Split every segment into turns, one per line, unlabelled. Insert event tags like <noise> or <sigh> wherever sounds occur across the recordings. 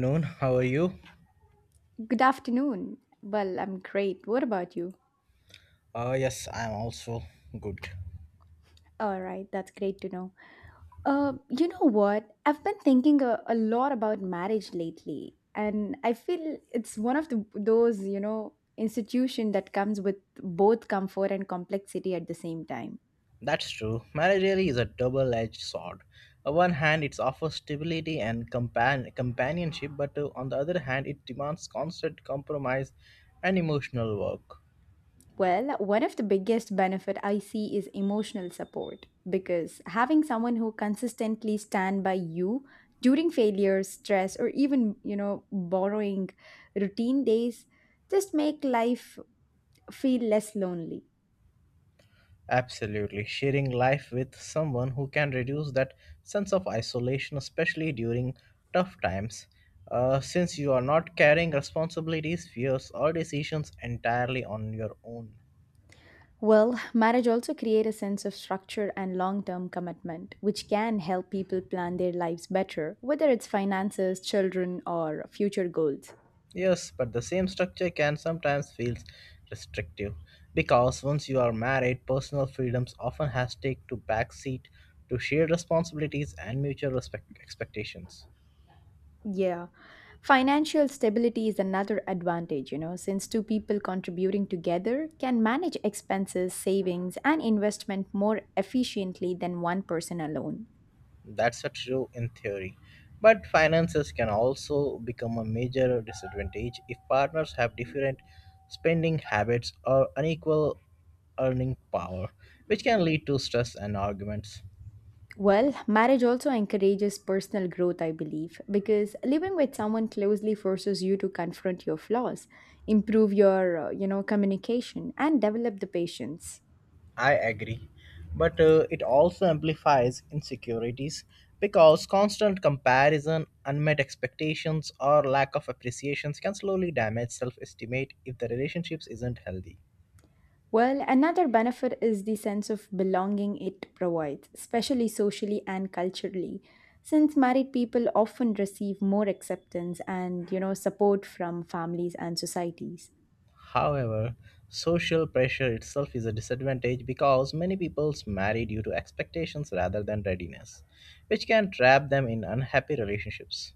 Noon, how are you?
Good afternoon. Well, I'm great. What about you?
Yes, I'm also good.
All right, that's great to know. You know what? I've been thinking a lot about marriage lately, and I feel it's one of the those, institution that comes with both comfort and complexity at the same time.
That's true. Marriage really is a double edged sword. On one hand, it offers stability and companionship, but on the other hand, it demands constant compromise and emotional work.
Well, one of the biggest benefit I see is emotional support because having someone who consistently stand by you during failures, stress or even, borrowing routine days just make life feel less lonely.
Absolutely. Sharing life with someone who can reduce that sense of isolation, especially during tough times. Since you are not carrying responsibilities, fears, or decisions entirely on your own.
Well, marriage also create a sense of structure and long-term commitment, which can help people plan their lives better, whether it's finances, children or future goals.
Yes, but the same structure can sometimes feel restrictive because once you are married, personal freedoms often has take to backseat to shared responsibilities and mutual respect expectations.
Yeah. Financial stability is another advantage, since two people contributing together can manage expenses, savings, and investment more efficiently than one person alone.
That's a true in theory, but finances can also become a major disadvantage if partners have different spending habits or unequal earning power, which can lead to stress and arguments.
Well, marriage also encourages personal growth, I believe, because living with someone closely forces you to confront your flaws, improve your, communication, and develop the patience.
I agree. But it also amplifies insecurities because constant comparison, unmet expectations, or lack of appreciations can slowly damage self esteem if the relationships isn't healthy.
Well, another benefit is the sense of belonging it provides, especially socially and culturally, since married people often receive more acceptance and, support from families and societies.
However, social pressure itself is a disadvantage because many people marry due to expectations rather than readiness, which can trap them in unhappy relationships.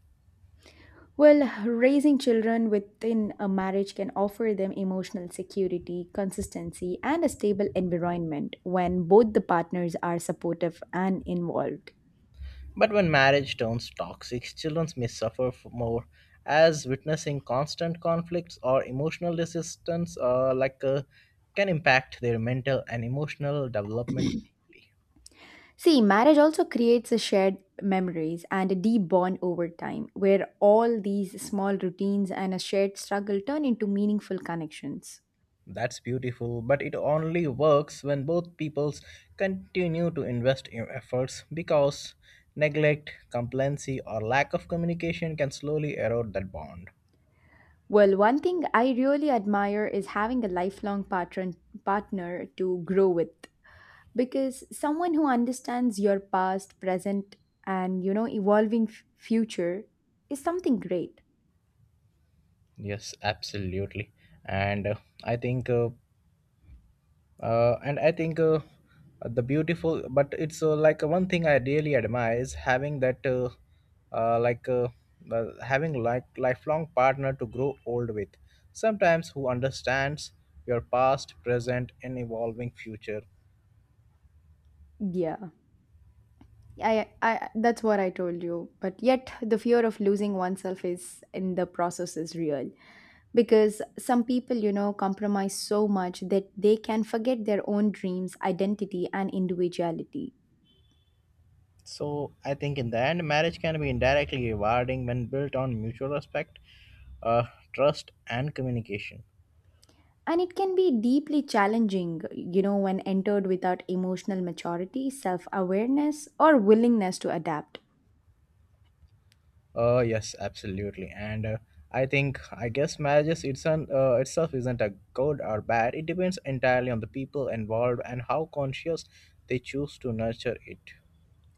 Well, raising children within a marriage can offer them emotional security, consistency, and a stable environment when both the partners are supportive and involved.
But when marriage turns toxic, children may suffer more, as witnessing constant conflicts or emotional resistance, can impact their mental and emotional development deeply.
See, marriage also creates a shared memories and a deep bond over time, where all these small routines and a shared struggle turn into meaningful connections.
That's beautiful, but it only works when both peoples continue to invest in efforts because neglect, complacency, or lack of communication can slowly erode that bond.
Well, one thing I really admire is having a lifelong partner to grow with, because someone who understands your past, present, and evolving future is something great.
Yes, absolutely. And I think and I think the beautiful but it's one thing I really admire is uh, like uh, having like lifelong partner to grow old with sometimes who understands your past present and evolving future.
Yeah. I, that's what I told you. But yet the fear of losing oneself is in the process is real, because some people, compromise so much that they can forget their own dreams, identity and individuality.
So I think in the end marriage can be indirectly rewarding when built on mutual respect, uh, trust and communication.
And it can be deeply challenging, when entered without emotional maturity, self awareness or willingness to adapt.
Yes, absolutely. And I think, I guess, marriages it's an, itself isn't a good or bad. It depends entirely on the people involved and how conscious they choose to nurture it.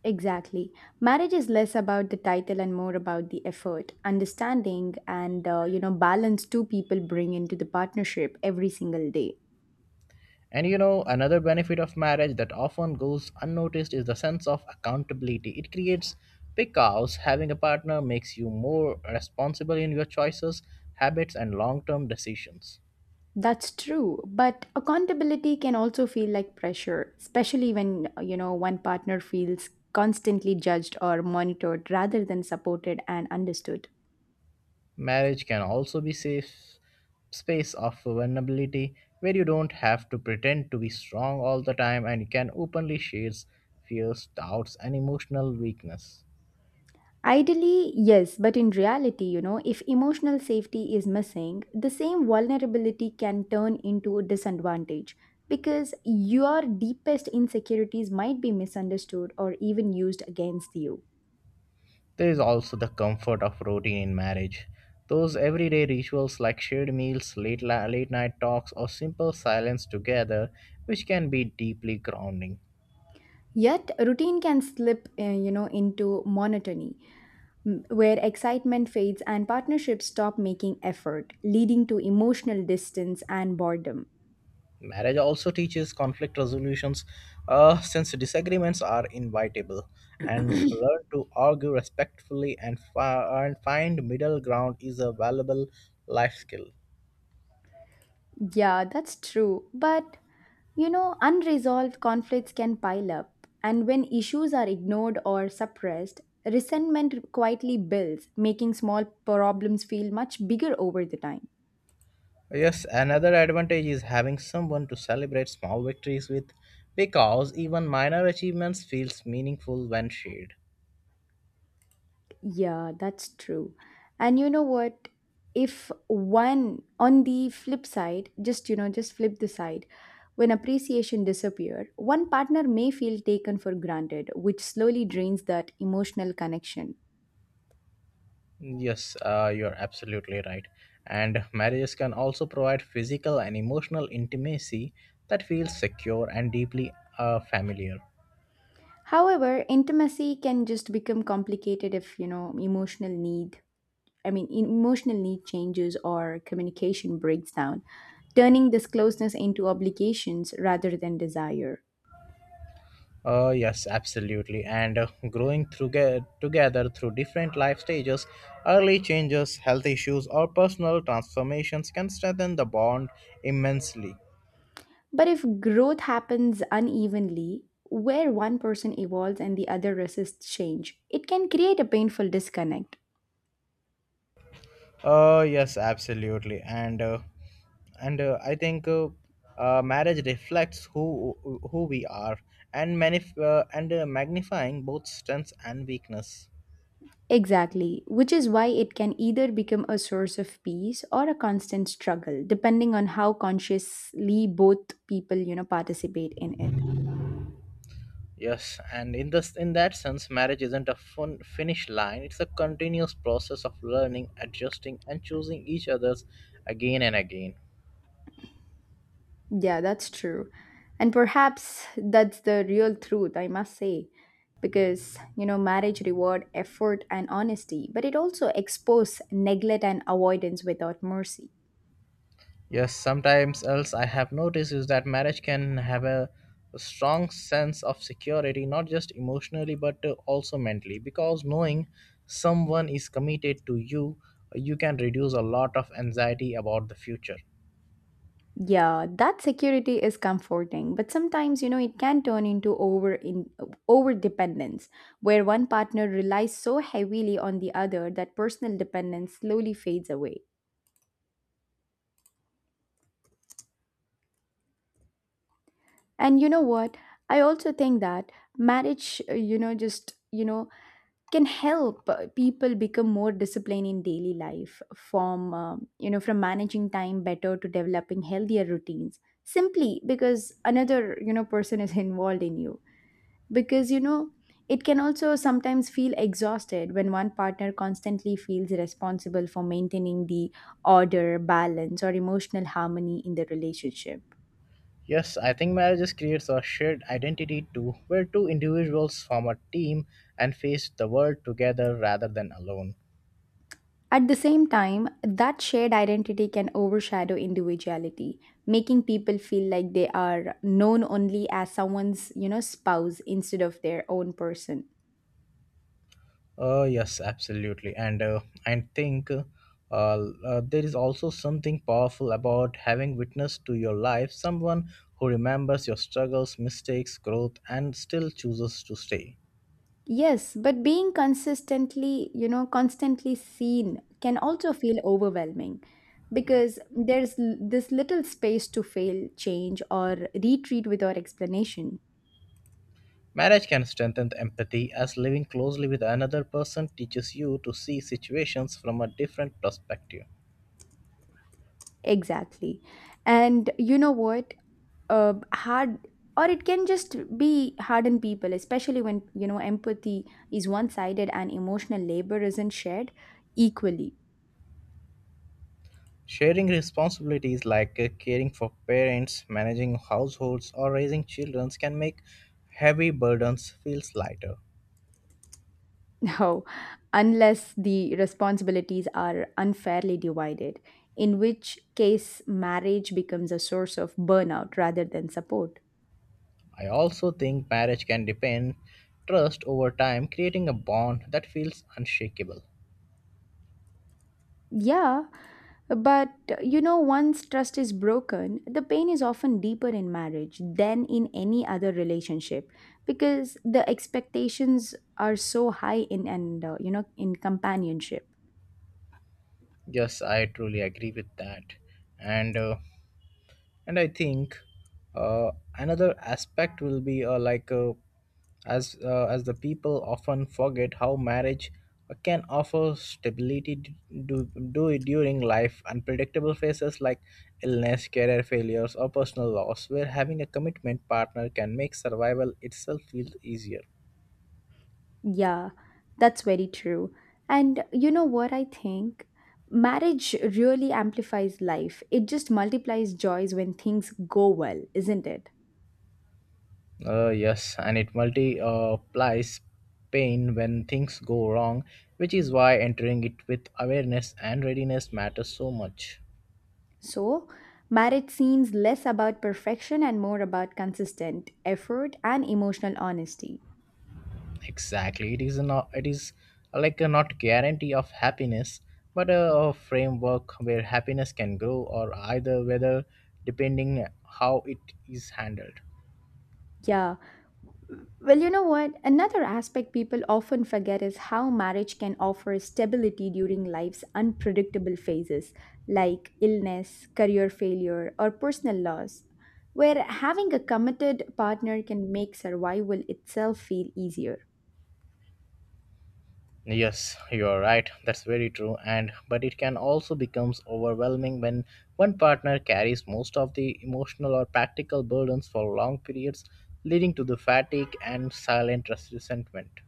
Exactly, marriage is less about the title and more about the effort, understanding and balance two people bring into the partnership every single day.
And another benefit of marriage that often goes unnoticed is the sense of accountability. It creates because having a partner makes you more responsible in your choices, habits, and long term decisions.
That's true, but accountability can also feel like pressure, especially when, one partner feels constantly judged or monitored rather than supported and understood.
Marriage can also be safe space of vulnerability where you don't have to pretend to be strong all the time and you can openly share fears, doubts and emotional weakness.
Ideally, yes, but in reality, if emotional safety is missing, the same vulnerability can turn into a disadvantage because your deepest insecurities might be misunderstood or even used against you.
There is also the comfort of routine in marriage. Those everyday rituals like shared meals, late night talks, or simple silence together, which can be deeply grounding.
Yet, routine can slip, into monotony where excitement fades and partnerships stop making effort, leading to emotional distance and boredom.
Marriage also teaches conflict resolutions since disagreements are inevitable, and learn to argue respectfully and find middle ground is a valuable life skill.
Yeah, that's true. But, unresolved conflicts can pile up, and when issues are ignored or suppressed, resentment quietly builds, making small problems feel much bigger over the time.
Yes, another advantage is having someone to celebrate small victories with because even minor achievements feels meaningful when shared.
Yeah, that's true. And you know what? If one on the flip side, just just flip the side, when appreciation disappear, one partner may feel taken for granted, which slowly drains that emotional connection.
Yes, you're absolutely right. And marriages can also provide physical and emotional intimacy that feels secure and deeply familiar.
However, intimacy can just become complicated if, emotional need, I mean, emotional need changes or communication breaks down, turning this closeness into obligations rather than desire.
Yes, absolutely. And growing through together through different life stages, early changes, health issues, or personal transformations can strengthen the bond immensely.
But if growth happens unevenly, where one person evolves and the other resists change, it can create a painful disconnect.
Yes, absolutely, and I think marriage reflects who we are, and magnifying both strengths and weakness.
Exactly, which is why it can either become a source of peace or a constant struggle, depending on how consciously both people, participate in it.
Yes, and in that sense, marriage isn't a fun finish line. It's a continuous process of learning, adjusting, and choosing each other's again and again.
Yeah, that's true. And perhaps that's the real truth, I must say. Because, marriage reward effort and honesty, but it also expose neglect and avoidance without mercy.
Yes, sometimes else I have noticed is that marriage can have a strong sense of security, not just emotionally but also mentally, because knowing someone is committed to you, you can reduce a lot of anxiety about the future.
Yeah, that security is comforting, but sometimes, it can turn into over dependence, where one partner relies so heavily on the other that personal dependence slowly fades away. And you know what? I also think that marriage, can help people become more disciplined in daily life from from managing time better to developing healthier routines simply because another person is <laughs> involved in you. Because it can also sometimes feel exhausted when one partner constantly feels responsible for maintaining the order, balance or emotional harmony in the relationship.
Yes, I think marriages creates a shared identity too, where two individuals form a team and face the world together rather than alone.
At the same time, that shared identity can overshadow individuality, making people feel like they are known only as someone's, spouse instead of their own person.
Yes, absolutely. And I think there is also something powerful about having witness to your life, someone who remembers your struggles, mistakes, growth, and still chooses to stay.
Yes, but being consistently, constantly seen can also feel overwhelming because there's this little space to fail, change, or retreat without explanation.
Marriage can strengthen the empathy as living closely with another person teaches you to see situations from a different perspective.
Exactly. And you know what? Hard or It can just be hard on people, especially when empathy is one sided and emotional labor isn't shared equally.
Sharing responsibilities like caring for parents, managing households, or raising children can make heavy burdens feel lighter.
<laughs> No, unless the responsibilities are unfairly divided, in which case marriage becomes a source of burnout rather than support.
I also think marriage can depend trust over time, creating a bond that feels unshakable.
Yeah. But you know, once trust is broken, the pain is often deeper in marriage than in any other relationship because the expectations are so high in and in companionship.
Yes, I truly agree with that, and uh, and I think uh, another aspect will be as as the people often forget how marriage can offer stability do, do it during life unpredictable phases like illness career failures or personal loss where having a commitment partner can make survival itself feel easier.
Yeah, that's very true. And you know what I think? Marriage really amplifies life. It just multiplies joys when things go well, isn't it?
Yes, and it multiplies pain when things go wrong, which is why entering it with awareness and readiness matters so much.
So, marriage seems less about perfection and more about consistent effort and emotional honesty.
Exactly, it is not it is like a not guarantee of happiness, but a, framework where happiness can grow or either whether depending how it is handled.
Yeah. Well, you know what? Another aspect people often forget is how marriage can offer stability during life's unpredictable phases, like illness, career failure, or personal loss, where having a committed partner can make survival itself feel easier.
Yes, you are right. That's very true. And but it can also becomes overwhelming when one partner carries most of the emotional or practical burdens for long periods, leading to the fatigue and silent resentment.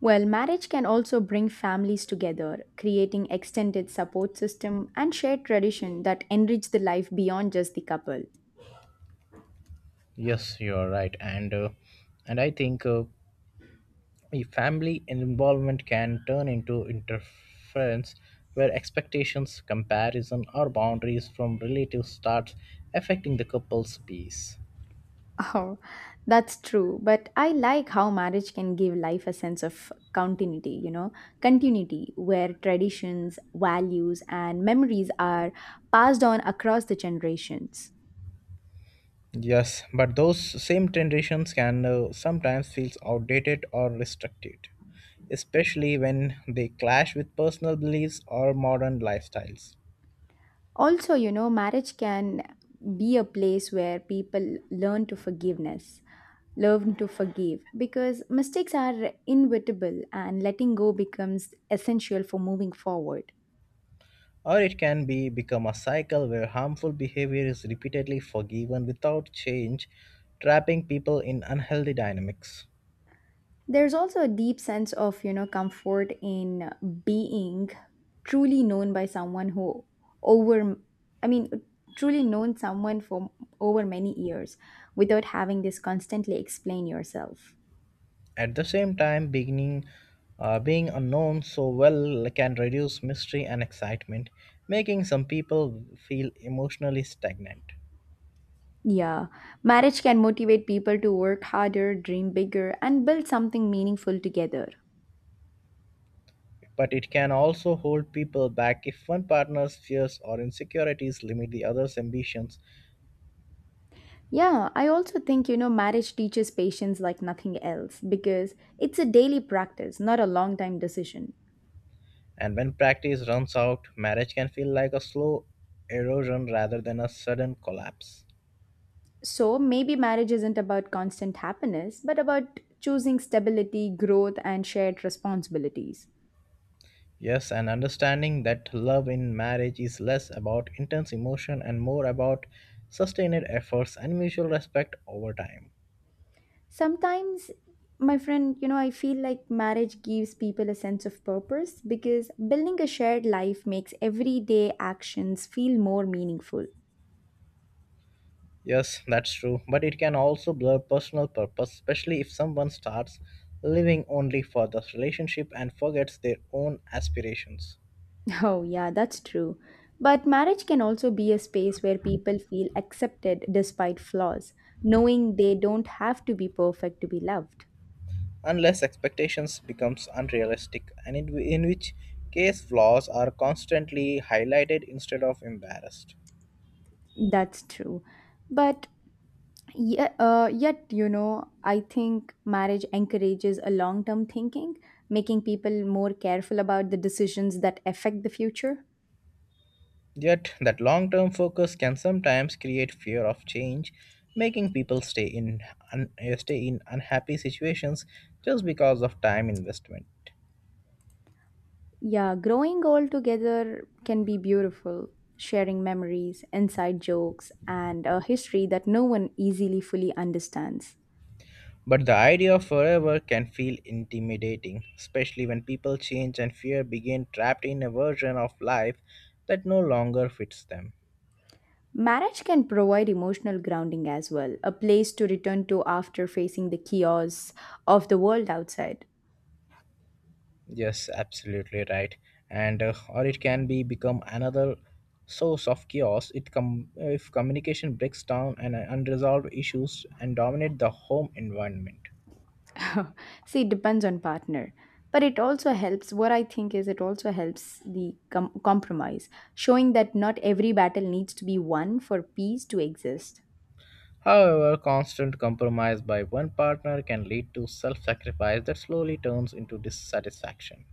Well, marriage can also bring families together, creating extended support system and shared tradition that enrich the life beyond just the couple.
Yes, you are right. And I think a family involvement can turn into interference where expectations, comparison, or boundaries from relatives starts affecting the couple's peace.
Oh, that's true. But I like how marriage can give life a sense of continuity, continuity where traditions, values, and memories are passed on across the generations.
Yes, but those same traditions can sometimes feel outdated or restricted, especially when they clash with personal beliefs or modern lifestyles.
Also, marriage can be a place where people learn to forgiveness, learn to forgive, because mistakes are inevitable and letting go becomes essential for moving forward.
Or it can be become a cycle where harmful behavior is repeatedly forgiven without change, trapping people in unhealthy dynamics.
There's also a deep sense of comfort in being truly known by someone who over I mean truly known someone for over many years without having this constantly explain yourself.
At the same time, beginning being unknown so well can reduce mystery and excitement, making some people feel emotionally stagnant.
Yeah, marriage can motivate people to work harder, dream bigger and build something meaningful together.
But it can also hold people back if one partner's fears or insecurities limit the other's ambitions.
Yeah, I also think, marriage teaches patience like nothing else because it's a daily practice, not a long time decision.
And when practice runs out, marriage can feel like a slow erosion rather than a sudden collapse.
So maybe marriage isn't about constant happiness, but about choosing stability, growth, and shared responsibilities.
Yes, and understanding that love in marriage is less about intense emotion and more about sustained efforts and mutual respect over time.
Sometimes, my friend, I feel like marriage gives people a sense of purpose because building a shared life makes everyday actions feel more meaningful. <laughs>
Yes, that's true. But it can also blur personal purpose, especially if someone starts living only for the relationship and forgets their own aspirations.
Oh, yeah, that's true. But marriage can also be a space where people feel accepted despite flaws, knowing they don't have to be perfect to be loved.
Unless expectations becomes unrealistic, and in which case flaws are constantly highlighted instead of embarrassed.
That's true. But yeah, yet, I think marriage encourages a long term thinking, making people more careful about the decisions that affect the future.
Yet, that long term focus can sometimes create fear of change, making people stay in unhappy situations just because of time investment.
Yeah, growing all together can be beautiful, sharing memories, inside jokes, and a history that no one easily fully understands.
But the idea of forever can feel intimidating, especially when people change and fear begin trapped in a version of life that no longer fits them.
Marriage can provide emotional grounding as well, a place to return to after facing the chaos of the world outside.
Yes, absolutely right. And or it can be become another source of chaos if communication breaks down and unresolved issues and dominate the home environment.
<laughs> See, it depends on partner. But it also helps, what I think is it also helps the compromise, showing that not every battle needs to be won for peace to exist.
However, constant compromise by one partner can lead to self-sacrifice that slowly turns into dissatisfaction.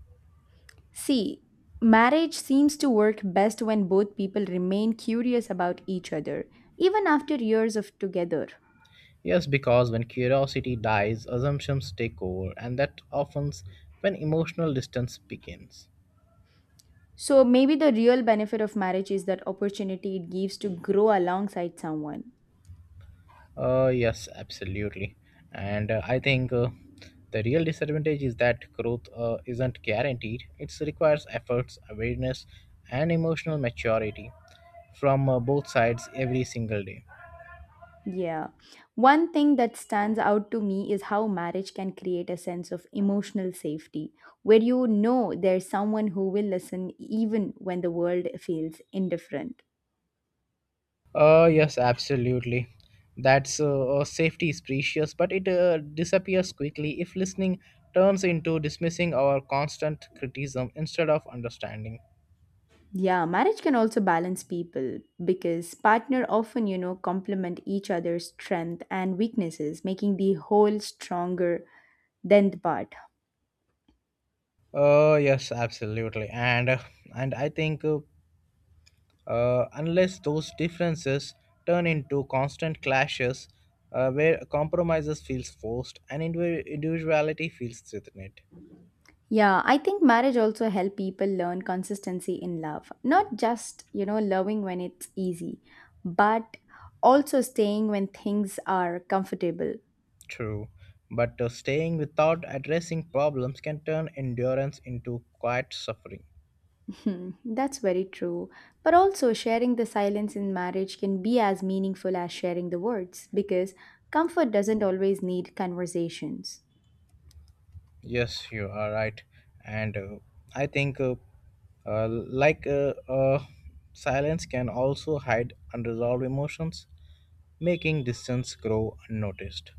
See, marriage seems to work best when both people remain curious about each other, even after years of together.
Yes, because when curiosity dies, assumptions take over, and that often when emotional distance begins.
So maybe the real benefit of marriage is that opportunity it gives to grow alongside someone.
Yes, absolutely. And I think the real disadvantage is that growth isn't guaranteed. It requires efforts, awareness, and emotional maturity from both sides every single day.
Yeah. One thing that stands out to me is how marriage can create a sense of emotional safety, where you know there's someone who will listen even when the world feels indifferent.
Yes, absolutely. That's safety is precious, but it disappears quickly if listening turns into dismissing our constant criticism instead of understanding.
Yeah, marriage can also balance people because partner often, complement each other's strength and weaknesses, making the whole stronger than the part.
Yes, absolutely, and I think unless those differences turn into constant clashes, where compromises feels forced and individuality feels threatened.
Yeah, I think marriage also help people learn consistency in love. Not just, loving when it's easy, but also staying when things are comfortable.
True, but staying without addressing problems can turn endurance into quiet suffering.
Hmm, that's very true. But also sharing the silence in marriage can be as meaningful as sharing the words because comfort doesn't always need conversations.
Yes, you are right, and I think like silence can also hide unresolved emotions, making distance grow unnoticed.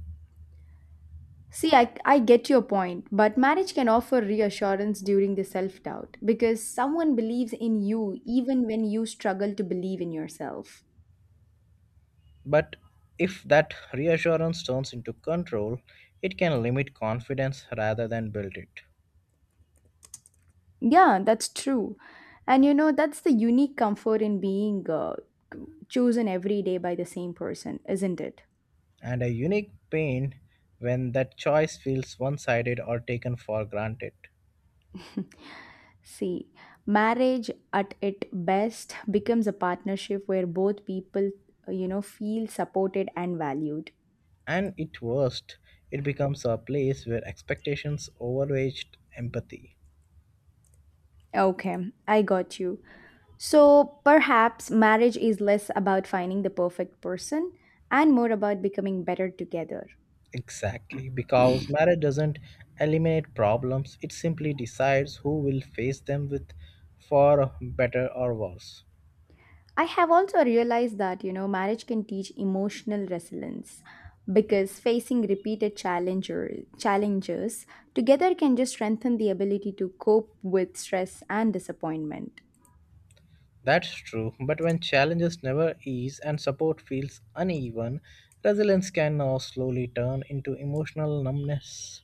See, I get your point, but marriage can offer reassurance during the self doubt because someone believes in you even when you struggle to believe in yourself.
But if that reassurance turns into control, it can limit confidence rather than build it.
Yeah, that's true. And you know, that's the unique comfort in being chosen every day by the same person, isn't it?
And a unique pain when that choice feels one sided or taken for granted.
See, marriage at its best becomes a partnership where both people, feel supported and valued.
And at worst, it becomes a place where expectations overweigh empathy.
Okay, I got you. So perhaps marriage is less about finding the perfect person and more about becoming better together.
Exactly, because marriage doesn't eliminate problems, it simply decides who will face them with for better or worse.
I have also realized that, you know, marriage can teach emotional resilience because facing repeated challenges together can just strengthen the ability to cope with stress and disappointment.
That's true, but when challenges never ease and support feels uneven, resilience can now slowly turn into emotional numbness.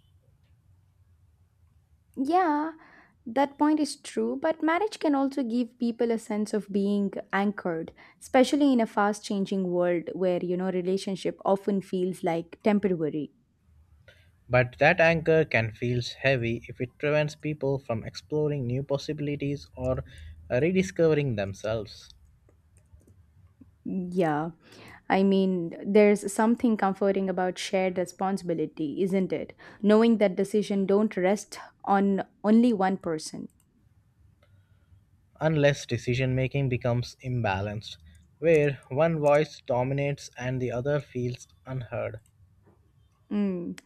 Yeah, that point is true, but marriage can also give people a sense of being anchored, especially in a fast changing world where, you know, relationship often feels like temporary.
But that anchor can feel heavy if it prevents people from exploring new possibilities or rediscovering themselves.
Yeah, I mean, there's something comforting about shared responsibility, isn't it? Knowing that decision don't rest on only one person.
Unless decision making becomes imbalanced, where one voice dominates and the other feels unheard.
Mm.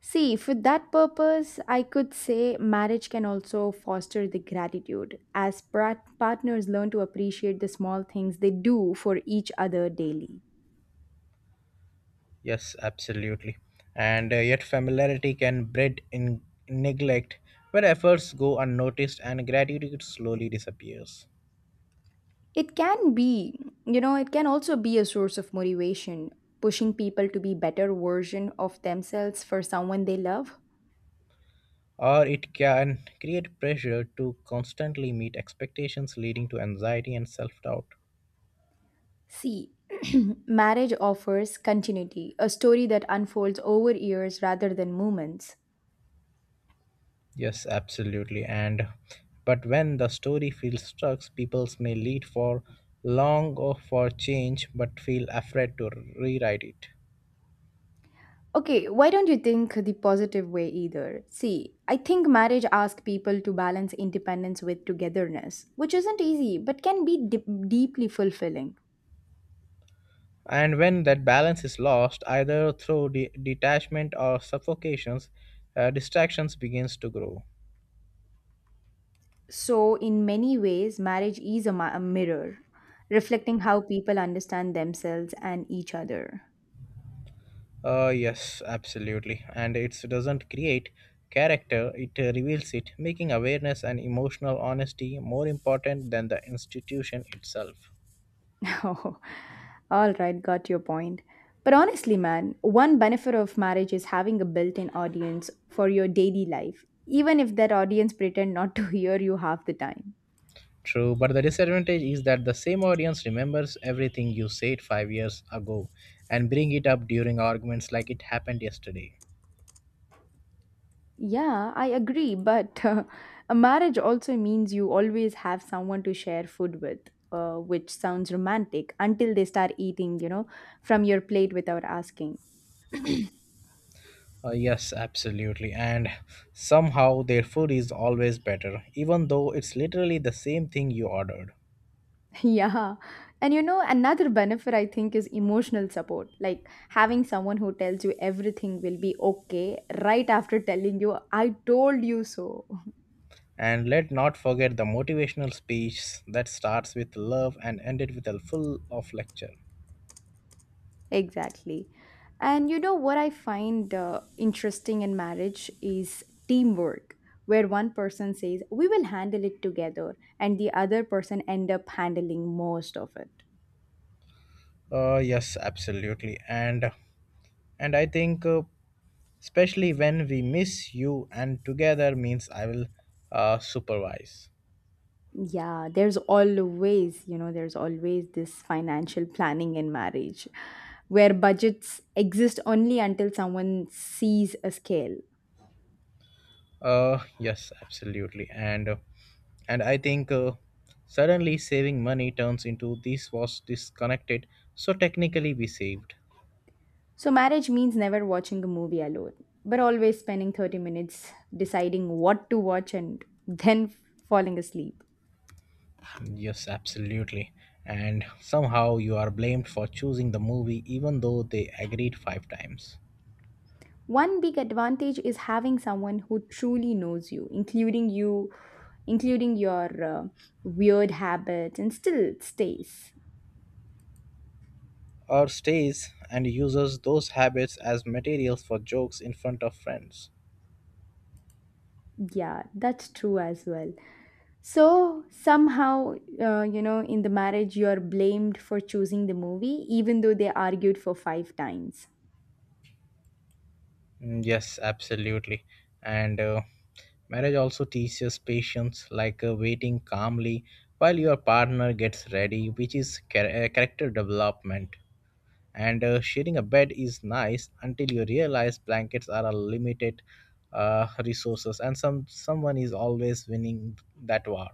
See, for that purpose, I could say marriage can also foster the gratitude as partners learn to appreciate the small things they do for each other daily.
Yes, absolutely. And yet, familiarity can breed in neglect, where efforts go unnoticed and gratitude slowly disappears.
It can be, you know, it can also be a source of motivation, pushing people to be better version of themselves for someone they love.
Or it can create pressure to constantly meet expectations leading to anxiety and self-doubt.
See, <clears throat> marriage offers continuity, a story that unfolds over years rather than moments.
Yes absolutely and but when the story feels stuck people may lead for long or for change but feel afraid to rewrite it.
Okay, why don't you think the positive way either? See, I think marriage asks people to balance independence with togetherness, which isn't easy but can be deeply fulfilling.
And when that balance is lost either through detachment or suffocations, distractions begins to grow.
So, in many ways, marriage is a mirror, reflecting how people understand themselves and each other.
Yes, absolutely. And it doesn't create character, it reveals it, making awareness and emotional honesty more important than the institution itself.
<laughs> Oh, all right, got your point. But honestly, man, one benefit of marriage is having a built in audience for your daily life, even if that audience pretend not to <laughs> hear you half the time.
True, but the disadvantage is that the same audience remembers everything you said 5 years ago and bring it up during arguments like it happened yesterday.
Yeah, I agree, but <laughs> a marriage also means you always have someone to share food with, which sounds romantic until they start eating, you know, from your plate without asking.
Yes, absolutely. And somehow their food is always better, even though it's literally the same thing you ordered.
<laughs> Yeah. And you know, another benefit I think is emotional support, like having someone who tells you everything will be okay right after telling you, I told you so.
And let not forget the motivational speech that starts with love and ended with a full of lecture.
Exactly. And you know what I find interesting in marriage is teamwork, where one person says, "We will handle it together," and the other person end up handling most of it.
Yes, absolutely. And I think especially when we miss you and together means I will supervise.
Yeah, there's always, you know, there's always this financial planning in marriage where budgets exist only until someone sees a scale.
Yes, absolutely. And I think suddenly saving money turns into this was disconnected, so technically we saved.
So, marriage means never watching a movie alone, but always spending 30 minutes deciding what to watch and then falling asleep.
Yes, absolutely. And somehow you are blamed for choosing the movie even though they agreed five times.
One big advantage is having someone who truly knows you, including your weird habits, and still stays.
Or stays and uses those habits as materials for jokes in front of friends.
Yeah, that's true as well. So, somehow, you know, in the marriage, you're blamed for choosing the movie, even though they argued for 5 times.
Mm, yes, absolutely. And marriage also teaches patience, like waiting calmly while your partner gets ready, which is character development. And sharing a bed is nice until you realize blankets are a limited resources and someone is always winning that war.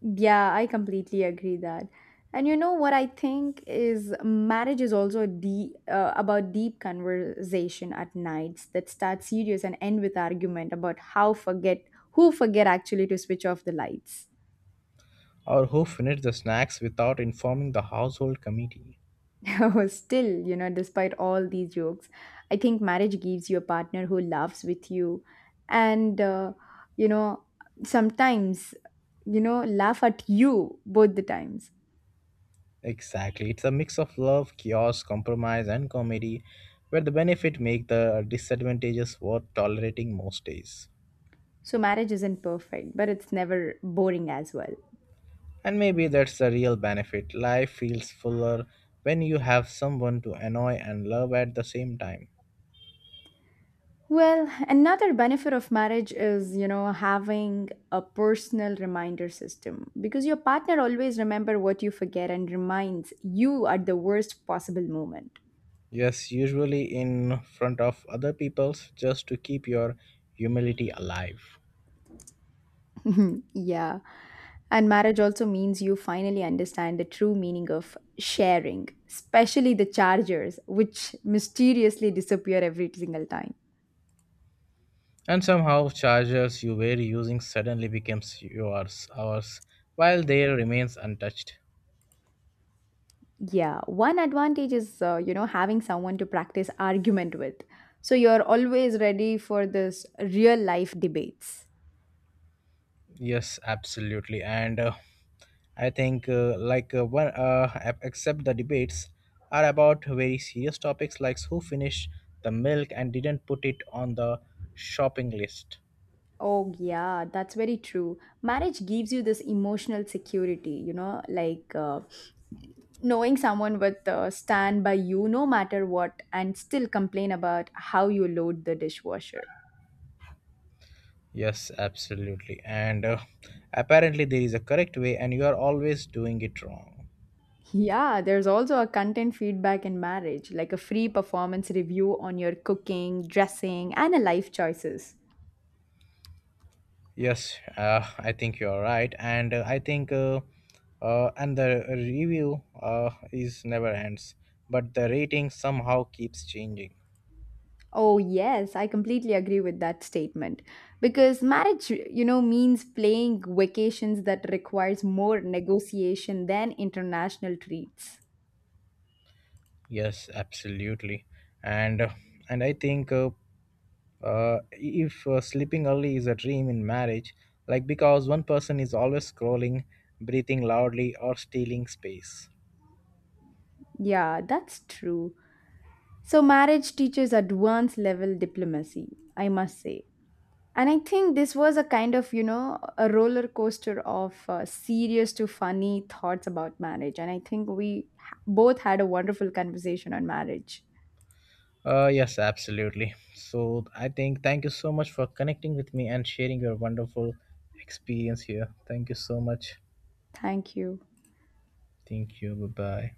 Yeah, I completely agree that. And you know what I think is marriage is also about deep conversation at nights that start serious and end with argument about how forget who forget actually to switch off the lights.
Or who finished the snacks without informing the household committee.
<laughs> Oh, still, you know, despite all these jokes, I think marriage gives you a partner who laughs with you, and you know, sometimes, you know, laugh at you both the times.
Exactly, it's a mix of love chaos compromise and comedy where the benefit make the disadvantages worth tolerating most days.
So marriage isn't perfect, but it's never boring as well.
And maybe that's the real benefit life feels fuller when you have someone to annoy and love at the same time.
Well, another benefit of marriage is, you know, having a personal reminder system because your partner always remember what you forget and reminds you at the worst possible moment.
Yes, usually in front of other people's just to keep your humility alive.
<laughs> Yeah. And marriage also means you finally understand the true meaning of sharing, especially the chargers which mysteriously disappear every single time.
And somehow chargers you were using suddenly becomes yours, ours, while their remains untouched.
Yeah, one advantage is you know, having someone to practice argument with. So you're always ready for this real life debates.
Yes, absolutely. And I think one except the debates are about very serious topics like who finished the milk and didn't put it on the shopping list.
Oh yeah, that's very true. Marriage gives you this emotional security, you know, knowing someone with stand by you no matter what and still complain about how you load the dishwasher.
Yes, absolutely. And apparently, there is a correct way, and you are always doing it wrong.
Yeah, there's also a content feedback in marriage, like a free performance review on your cooking, dressing, and a life choices.
Yes, I think you are right, and I think and the review is never ends, but the rating somehow keeps changing.
Oh, yes, I completely agree with that statement. Because marriage, you know, means playing vacations that requires more negotiation than international treats.
Yes, absolutely, and uh, and I think if sleeping early is a dream in marriage, like because one person is always scrolling, breathing loudly, or stealing space.
Yeah, that's true. So, marriage teaches advanced level diplomacy, I must say. And I think this was a kind of, you know, a roller coaster of serious to funny thoughts about marriage. And I think we both had a wonderful conversation on marriage.
Yes, absolutely. So I think thank you so much for connecting with me and sharing your wonderful experience here. Thank you so much.
Thank you.
Thank you. Bye bye.